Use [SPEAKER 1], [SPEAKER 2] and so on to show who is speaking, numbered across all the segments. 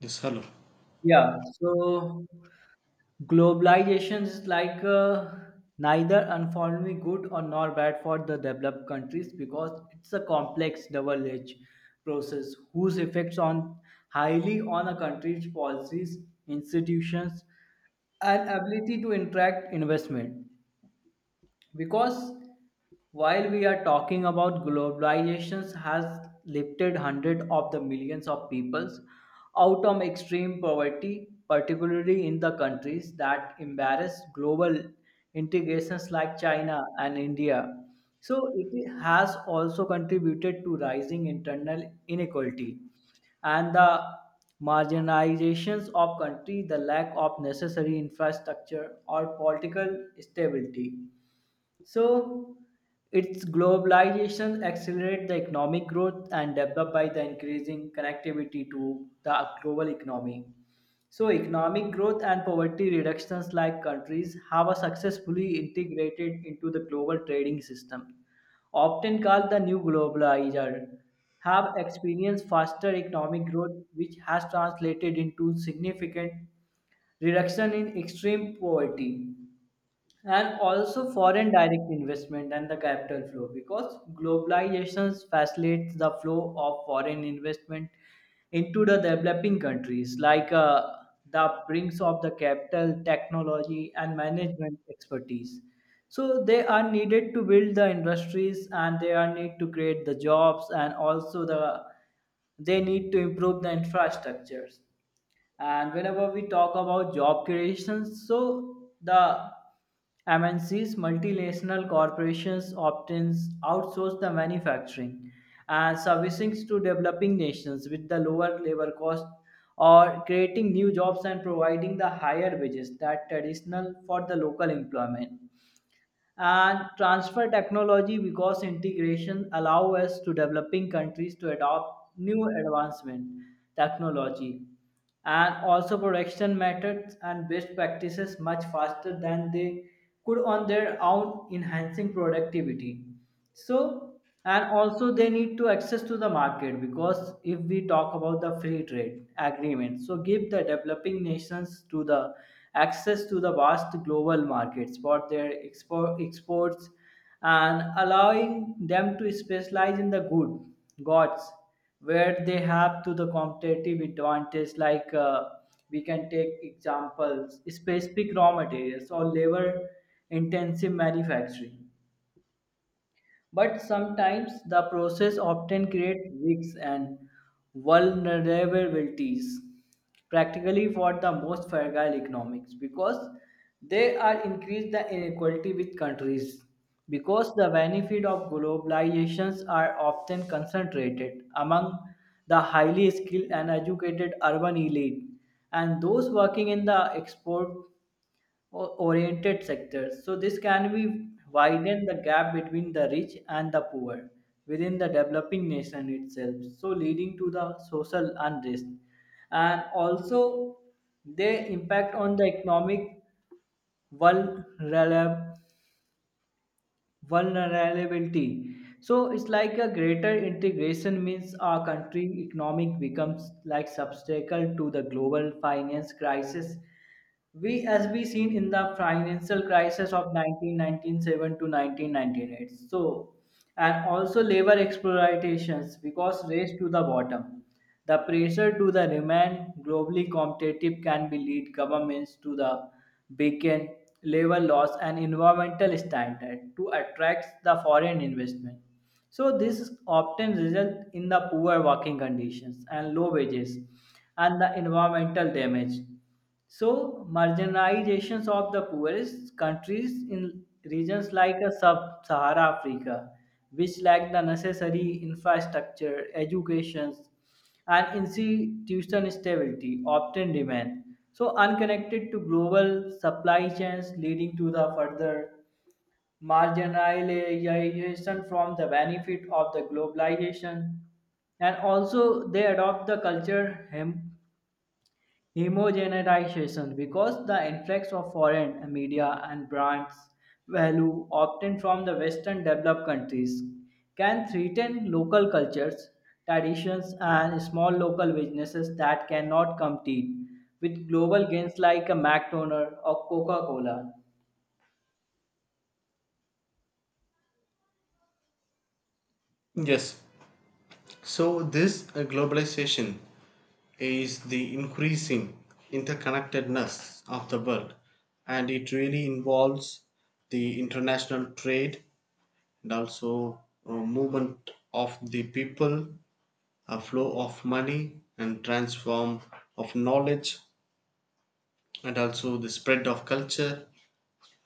[SPEAKER 1] Yes, hello.
[SPEAKER 2] Yeah, so globalization is neither unfortunately good or nor bad for the developed countries because it's a complex double-edged process whose effects on highly on a country's policies, institutions, and ability to attract investment because while we are talking about globalization has lifted hundreds of the millions of peoples out of extreme poverty, particularly in the countries that embrace global integrations like China and India. So it has also contributed to rising internal inequality and the marginalizations of country the lack of necessary infrastructure or political stability. So its globalization accelerate the economic growth and develop by the increasing connectivity to the global economy. So economic growth and poverty reductions, like countries have a successfully integrated into the global trading system, often called the new globalizer, have experienced faster economic growth which has translated into significant reduction in extreme poverty. And also foreign direct investment and the capital flow because globalization facilitates the flow of foreign investment into the developing countries, the brings of the capital technology and management expertise, so they are needed to build the industries and they are need to create the jobs and also they need to improve the infrastructures. And whenever we talk about job creations, so the MNCs, multinational corporations, often outsource the manufacturing and servicing to developing nations with the lower labor cost or creating new jobs and providing the higher wages that traditional for the local employment. And transfer technology, because integration allow us to developing countries to adopt new advancement technology and also production methods and best practices much faster than they could on their own, enhancing productivity. So and also they need to access to the market, because if we talk about the free trade agreement, so give the developing nations to the access to the vast global markets for their export exports and allowing them to specialize in the goods where they have to the competitive advantage. We can take examples specific raw materials or labor intensive manufacturing. But sometimes the process often creates risks and vulnerabilities, practically for the most fragile economics, because they are increase the inequality with countries. Because the benefit of globalizations are often concentrated among the highly skilled and educated urban elite, and those working in the export oriented sectors. So this can be widen the gap between the rich and the poor within the developing nation itself. So leading to the social unrest. And also they impact on the economic vulnerab- vulnerability. So it's like a greater integration means our country economic becomes like obstacle to the global finance crisis, we, as we seen in the financial crisis of 1997 to 1998. So and also labor exploitations because race to the bottom. The pressure to the remain globally competitive can be lead governments to the beacon labor laws and environmental standard to attract the foreign investment. So this often result in the poor working conditions and low wages and the environmental damage. So, marginalizations of the poorest countries in regions like a sub-Sahara Africa, which lack the necessary infrastructure, education, and institutional stability, often remain so unconnected to global supply chains, leading to the further marginalization from the benefit of the globalization. And also they adopt the homogenization, because the influx of foreign media and brands value obtained from the Western developed countries can threaten local cultures, traditions, and small local businesses that cannot compete with global gains like a McDonald's or Coca Cola.
[SPEAKER 1] Yes. So this globalization is the increasing interconnectedness of the world, and it really involves the international trade and also movement of the people, a flow of money, and transform of knowledge, and also the spread of culture,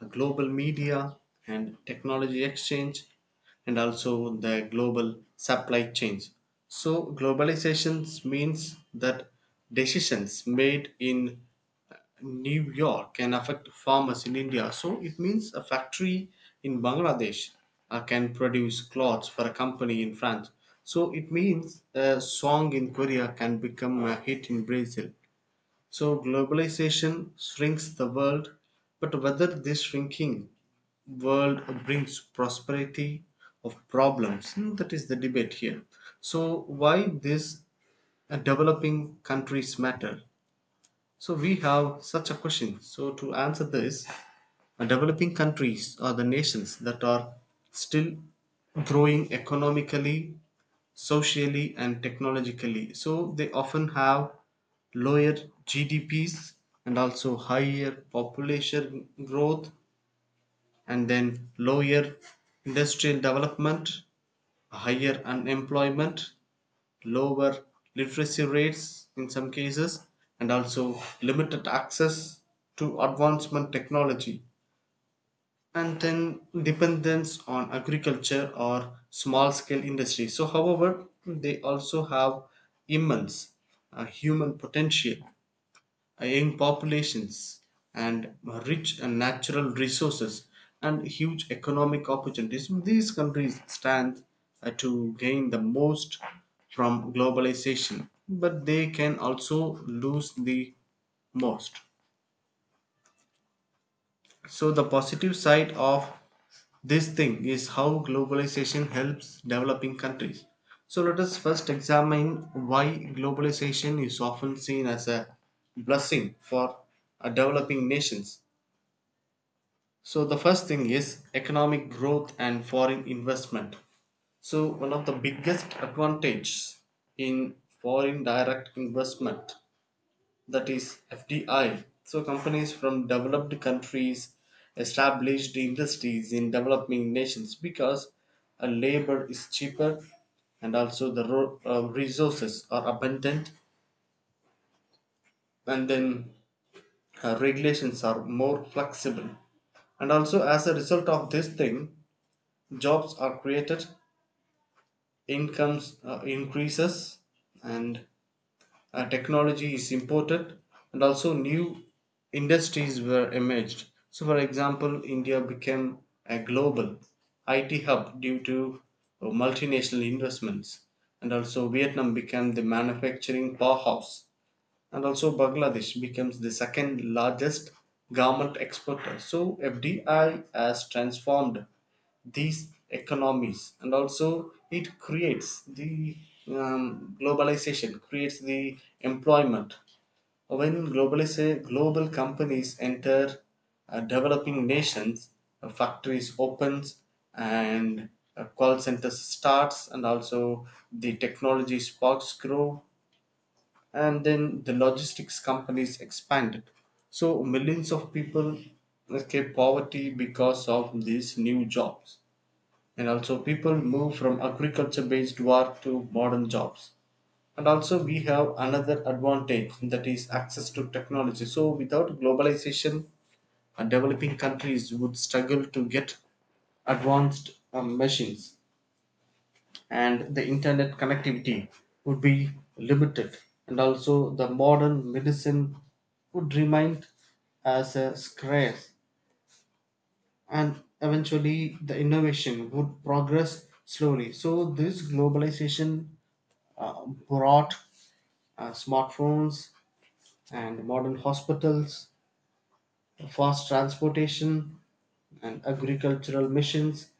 [SPEAKER 1] a global media and technology exchange, and also the global supply chains. So, globalization means that decisions made in New York can affect farmers in India. So, it means a factory in Bangladesh can produce clothes for a company in France. So, it means a song in Korea can become a hit in Brazil. So, globalization shrinks the world, but whether this shrinking world brings prosperity of problems, hmm, that is the debate here. So why these developing countries matter, so we have such a question. So to answer this, developing countries are the nations that are still growing economically, socially and technologically, so they often have lower gdps and also higher population growth, and then lower industrial development, higher unemployment, lower literacy rates in some cases, and also limited access to advancement technology, and then dependence on agriculture or small scale industry. So, however, they also have immense human potential, young populations and rich and natural resources and huge economic opportunities. So these countries stand to gain the most from globalization, but they can also lose the most. So the positive side of this thing is how globalization helps developing countries. So let us first examine why globalization is often seen as a blessing for developing nations. So the first thing is economic growth and foreign investment. So one of the biggest advantages in foreign direct investment, that is FDI. So companies from developed countries established industries in developing nations because labor is cheaper, and also the resources are abundant, and then regulations are more flexible. And also as a result of this thing, jobs are created, incomes increases, and technology is imported, and also new industries were emerged. So for example, India became a global it hub due to multinational investments, and also Vietnam became the manufacturing powerhouse, and also Bangladesh becomes the second largest garment exporter. So FDI has transformed these economies, and also it creates the globalization, creates the employment. When global companies enter developing nations, factories opens, and call centers starts, and also the technology sparks grow, and then the logistics companies expanded. So millions of people escaped poverty because of these new jobs, and also people move from agriculture based work to modern jobs. And also we have another advantage, that is access to technology. So without globalization, developing countries would struggle to get advanced machines, and the internet connectivity would be limited, and also the modern medicine would remain as a scarce, and eventually the innovation would progress slowly. So this globalization brought smartphones and modern hospitals, fast transportation and agricultural missions,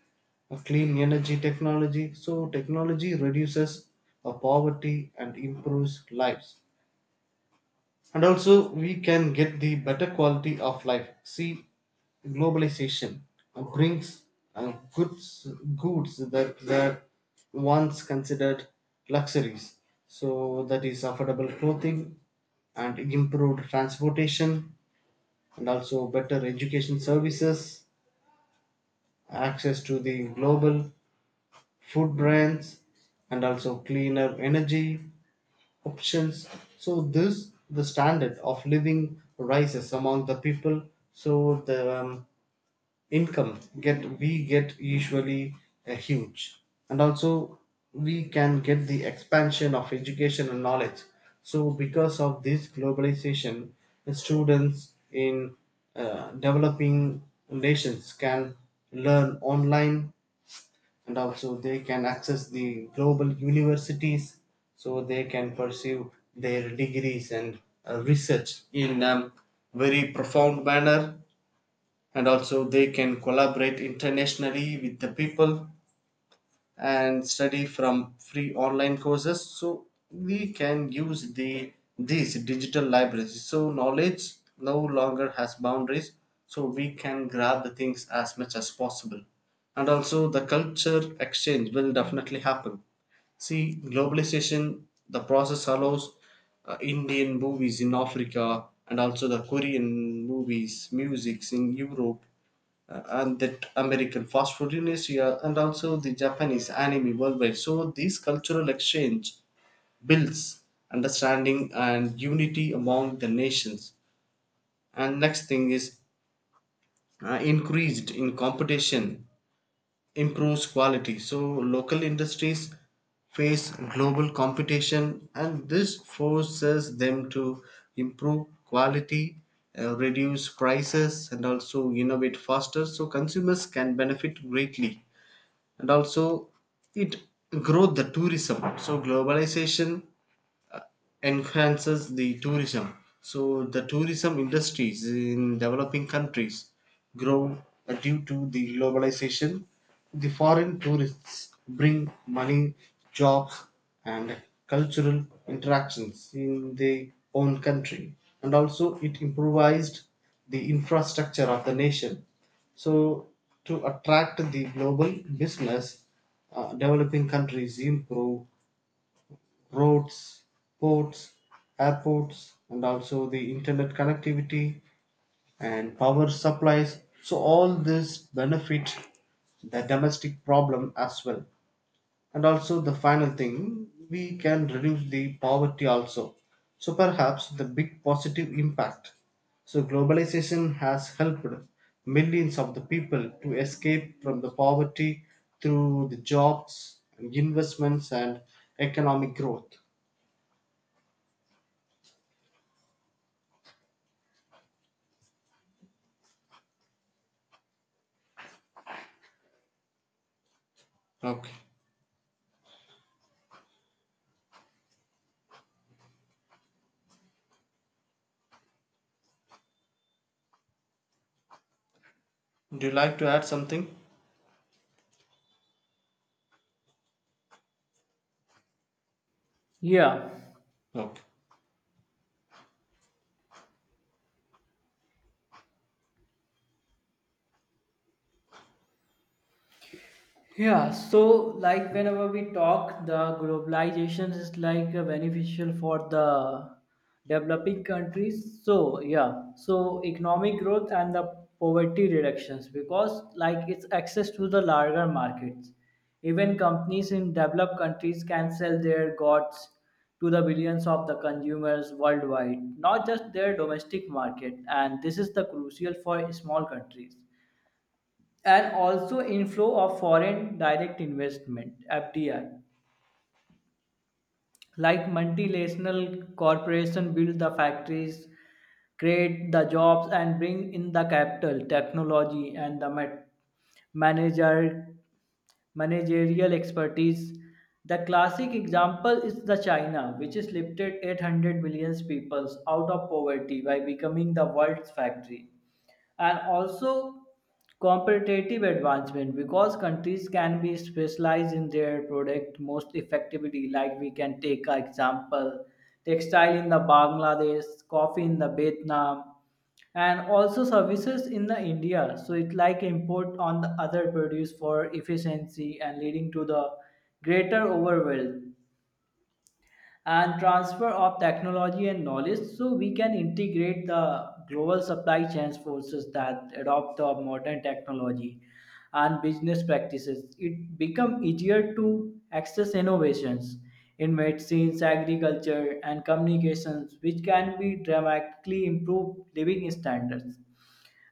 [SPEAKER 1] clean energy technology. So, technology reduces poverty and improves lives. And also, we can get the better quality of life. See, globalization brings uh, goods goods that were once considered luxuries. So, that is affordable clothing and improved transportation and also better education services, access to the global food brands, and also cleaner energy options. So this the standard of living rises among the people. So the income get we get usually a huge, and also we can get the expansion of education and knowledge. So because of this globalization, the students in developing nations can learn online, and also they can access the global universities, so they can pursue their degrees and research in very profound manner, and also they can collaborate internationally with the people and study from free online courses. So we can use the these digital libraries, so knowledge no longer has boundaries, so we can grab the things as much as possible. And also the culture exchange will definitely happen. See, globalization, the process allows Indian movies in Africa, and also the Korean movies musics in Europe, and that American fast food in Asia, and also the Japanese anime worldwide. So this cultural exchange builds understanding and unity among the nations. And next thing is increased in competition improves quality. So local industries face global competition, and this forces them to improve quality, reduce prices, and also innovate faster, so consumers can benefit greatly. And also it grow the tourism, so globalization enhances the tourism. So the tourism industries in developing countries grow due to the globalization. The foreign tourists bring money, jobs, and cultural interactions in their own country. And also, it improvised the infrastructure of the nation. So, to attract the global business, developing countries improve roads, ports, airports, and also the internet connectivity and power supplies. So, all this benefit the domestic problem as well. And also, the final thing, we can reduce the poverty also. So, perhaps the big positive impact. So, globalization has helped millions of the people to escape from the poverty through the jobs, investments, and economic growth. Okay. Do you like to add something?
[SPEAKER 2] Yeah.
[SPEAKER 1] Okay.
[SPEAKER 2] Yeah, so like whenever we talk, the globalization is beneficial for the developing countries. So yeah, so economic growth and the poverty reductions, because like it's access to the larger markets. Even companies in developed countries can sell their goods to the billions of the consumers worldwide, not just their domestic market. And this is the crucial for small countries. And also inflow of foreign direct investment, FDI, like multinational corporation build the factories, create the jobs and bring in the capital technology and the manager managerial expertise. The classic example is the China, which has lifted 800 million people out of poverty by becoming the world's factory. And also competitive advancement, because countries can be specialized in their product most effectively. Like we can take an example, textile in the Bangladesh, coffee in the Vietnam, and also services in the India. So it like import on the other produce for efficiency and leading to the greater overall. And transfer of technology and knowledge, so we can integrate the global supply chains forces that adopt the modern technology and business practices. It become easier to access innovations in medicines, agriculture and communications, which can be dramatically improve living standards.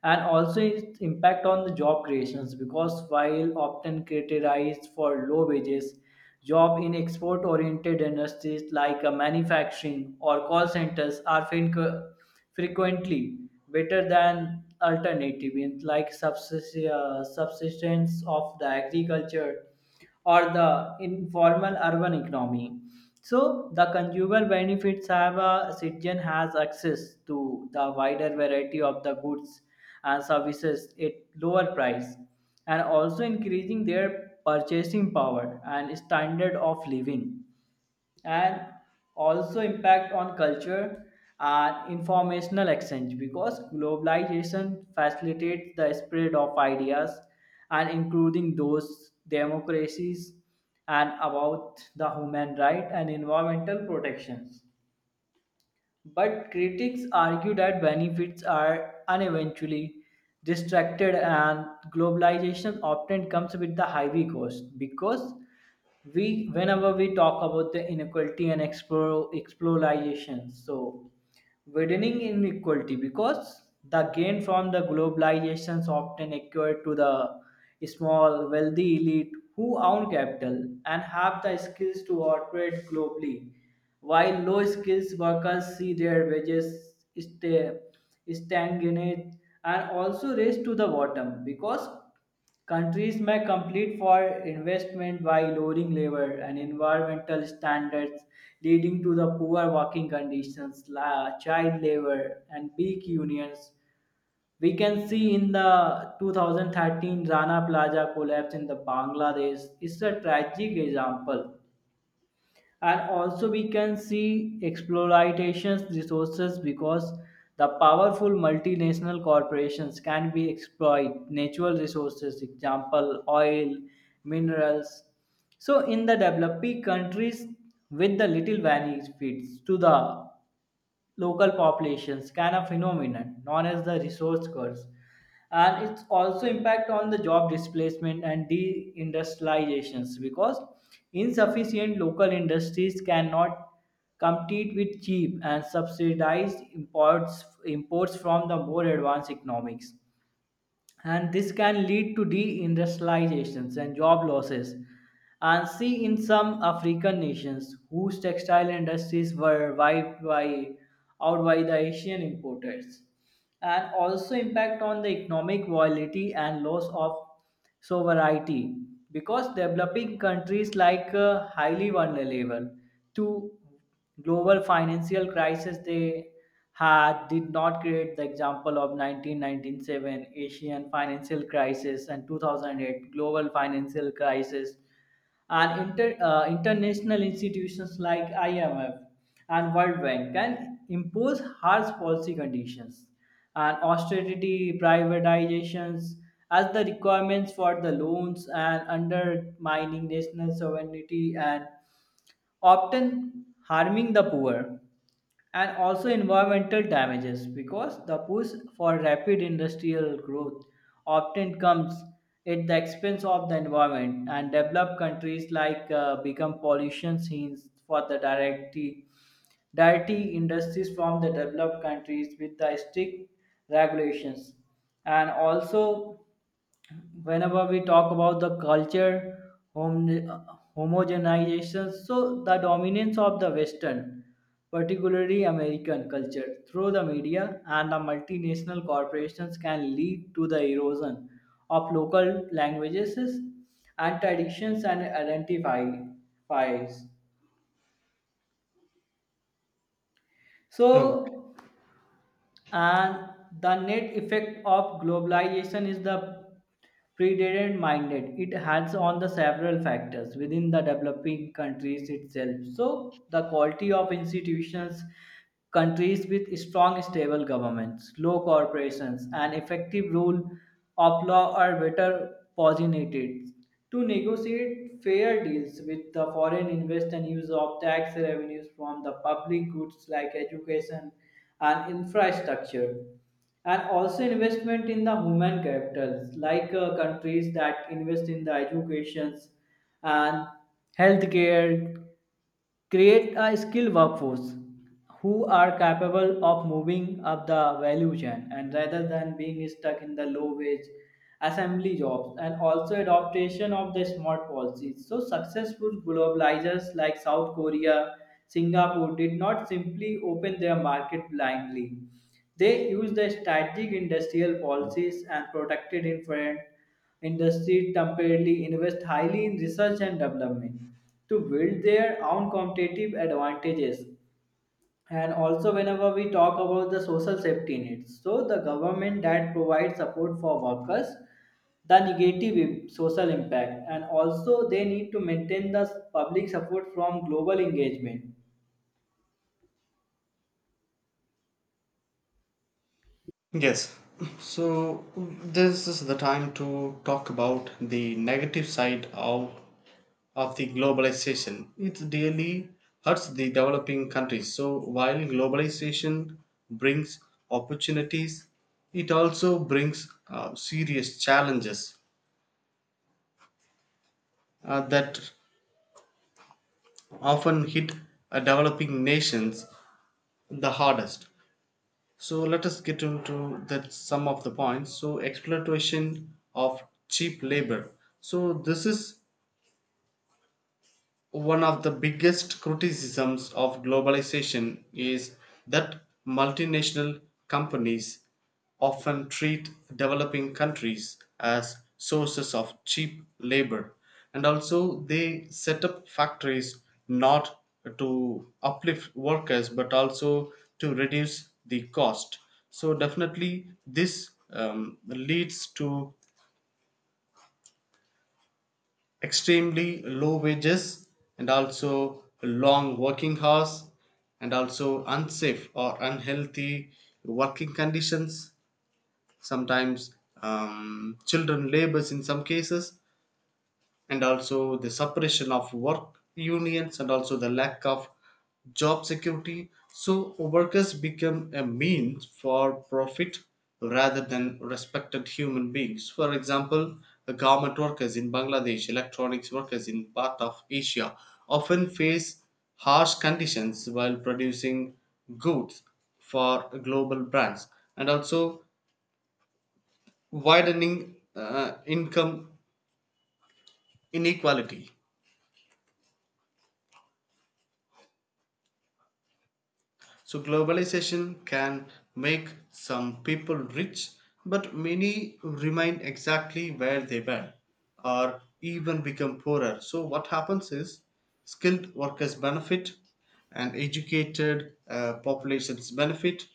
[SPEAKER 2] And also its impact on the job creations, because while often criticized for low wages, job in export oriented industries manufacturing or call centers are frequently better than alternative in like subsistence of the agriculture or the informal urban economy. So the consumer benefits have a citizen has access to the wider variety of the goods and services at lower price and also increasing their purchasing power and standard of living. And also impact on culture and informational exchange, because globalization facilitates the spread of ideas and including those democracies and about the human right and environmental protections. But critics argue that benefits are uneventually distracted and globalization often comes with the heavy cost, because we whenever we talk about the inequality and explore exploration, so widening inequality, because the gain from the globalizations often occur to the small wealthy elite who own capital and have the skills to operate globally, while low skills workers see their wages stay stagnate. And also race to the bottom, because countries may compete for investment by lowering labor and environmental standards, leading to the poor working conditions, child labor, and weak unions. We can see in the 2013 Rana Plaza collapse in the Bangladesh is a tragic example. And also we can see exploitation resources, because the powerful multinational corporations can be exploit natural resources, example oil, minerals, so in the developing countries with the little benefits to the local populations, kind of phenomenon known as the resource curse. And it's also impact on the job displacement and deindustrializations, because insufficient local industries cannot compete with cheap and subsidized imports from the more advanced economics, and this can lead to deindustrializations and job losses. And see in some African nations whose textile industries were wiped by out by the Asian importers. And also impact on the economic viability and loss of sovereignty, because developing countries highly vulnerable to global financial crisis. They had did not create the example of 1997 Asian financial crisis and 2008 global financial crisis. And international institutions like IMF and World Bank can impose harsh policy conditions and austerity privatizations as the requirements for the loans and undermining national sovereignty and often harming the poor. And also environmental damages, because the push for rapid industrial growth often comes at the expense of the environment, and developed countries become pollution scenes for the dirty industries from the developed countries with the strict regulations. And also whenever we talk about the hom- uh, homogenization, so the dominance of the western particularly American culture through the media and the multinational corporations can lead to the erosion of local languages and traditions and identifies.
[SPEAKER 1] Oh,
[SPEAKER 2] So and the net effect of globalization is the predated minded it has on the several factors within the developing countries itself. So the quality of institutions, countries with strong stable governments, low corporations and effective rule of law are better positioned to negotiate fair deals with the foreign invest and use of tax revenues from the public goods like education and infrastructure. And also investment in the human capitals, countries that invest in the educations and healthcare create a skilled workforce who are capable of moving up the value chain and rather than being stuck in the low wage assembly jobs. And also adoption of the smart policies. So successful globalizers like South Korea, Singapore did not simply open their market blindly. They used the strategic industrial policies and protected infant industry temporarily invest highly in research and development to build their own competitive advantages. And also whenever we talk about the social safety nets, so the government that provides support for workers the negative social impact and also they need to maintain the public support from global engagement.
[SPEAKER 1] yes. So this is the time to talk about the negative side of the globalization. It really hurts the developing countries. So while globalization brings opportunities, it also brings serious challenges that often hit developing nations the hardest. So let us get into the some of the points. So exploitation of cheap labor. So this is one of the biggest criticisms of globalization is that multinational companies often treat developing countries as sources of cheap labor, and also they set up factories not to uplift workers but also to reduce the cost. So definitely this leads to extremely low wages, and also long working hours, and also unsafe or unhealthy working conditions, sometimes children labors in some cases, and also the suppression of work unions, and also the lack of job security. So workers become a means for profit rather than respected human beings. For example, the government workers in Bangladesh, electronics workers in part of Asia often face harsh conditions while producing goods for global brands. And also widening income inequality. So globalization can make some people rich, but many remain exactly where they were or even become poorer. So what happens is skilled workers benefit, and educated populations benefit,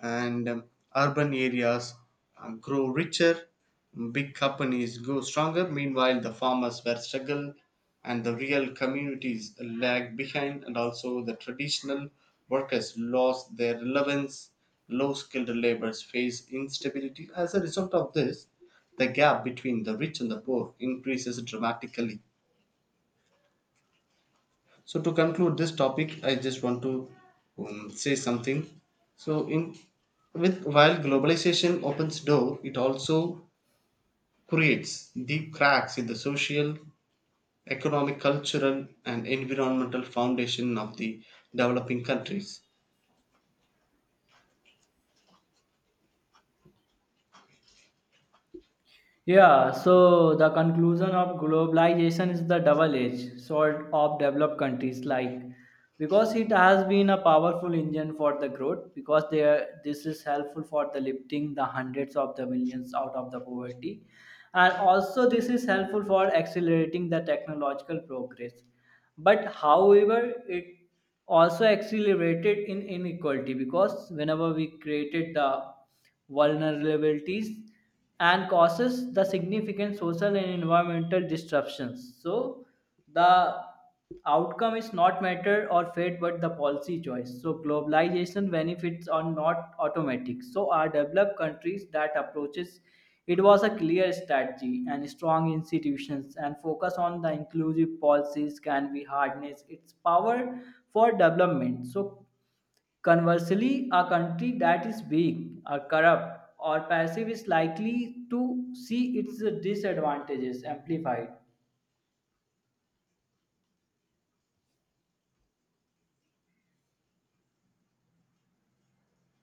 [SPEAKER 1] and urban areas grow richer. Big companies grow stronger, meanwhile, the farmers were struggle, and the real communities lag behind, and also the traditional workers lost their relevance. Low skilled laborers face instability. As a result of this, the gap between the rich and the poor increases dramatically. So, to conclude this topic, I just want to say something. So, in with while globalization opens door, it also creates deep cracks in the social, economic, cultural, and environmental foundation of the developing countries.
[SPEAKER 2] Yeah, so the conclusion of globalization is the double-edged sword of developed countries, like because it has been a powerful engine for the growth, because they are, this is helpful for the lifting the hundreds of the millions out of the poverty, and also this is helpful for accelerating the technological progress. But however it also accelerated in inequality, because whenever we created the vulnerabilities and causes the significant social and environmental disruptions. So the outcome is not matter or fate but the policy choice. So globalization benefits are not automatic, so are developed countries that approaches it was a clear strategy and strong institutions and focus on the inclusive policies can be harness its power for development. So conversely, a country that is weak or corrupt or passive is likely to see its disadvantages amplified.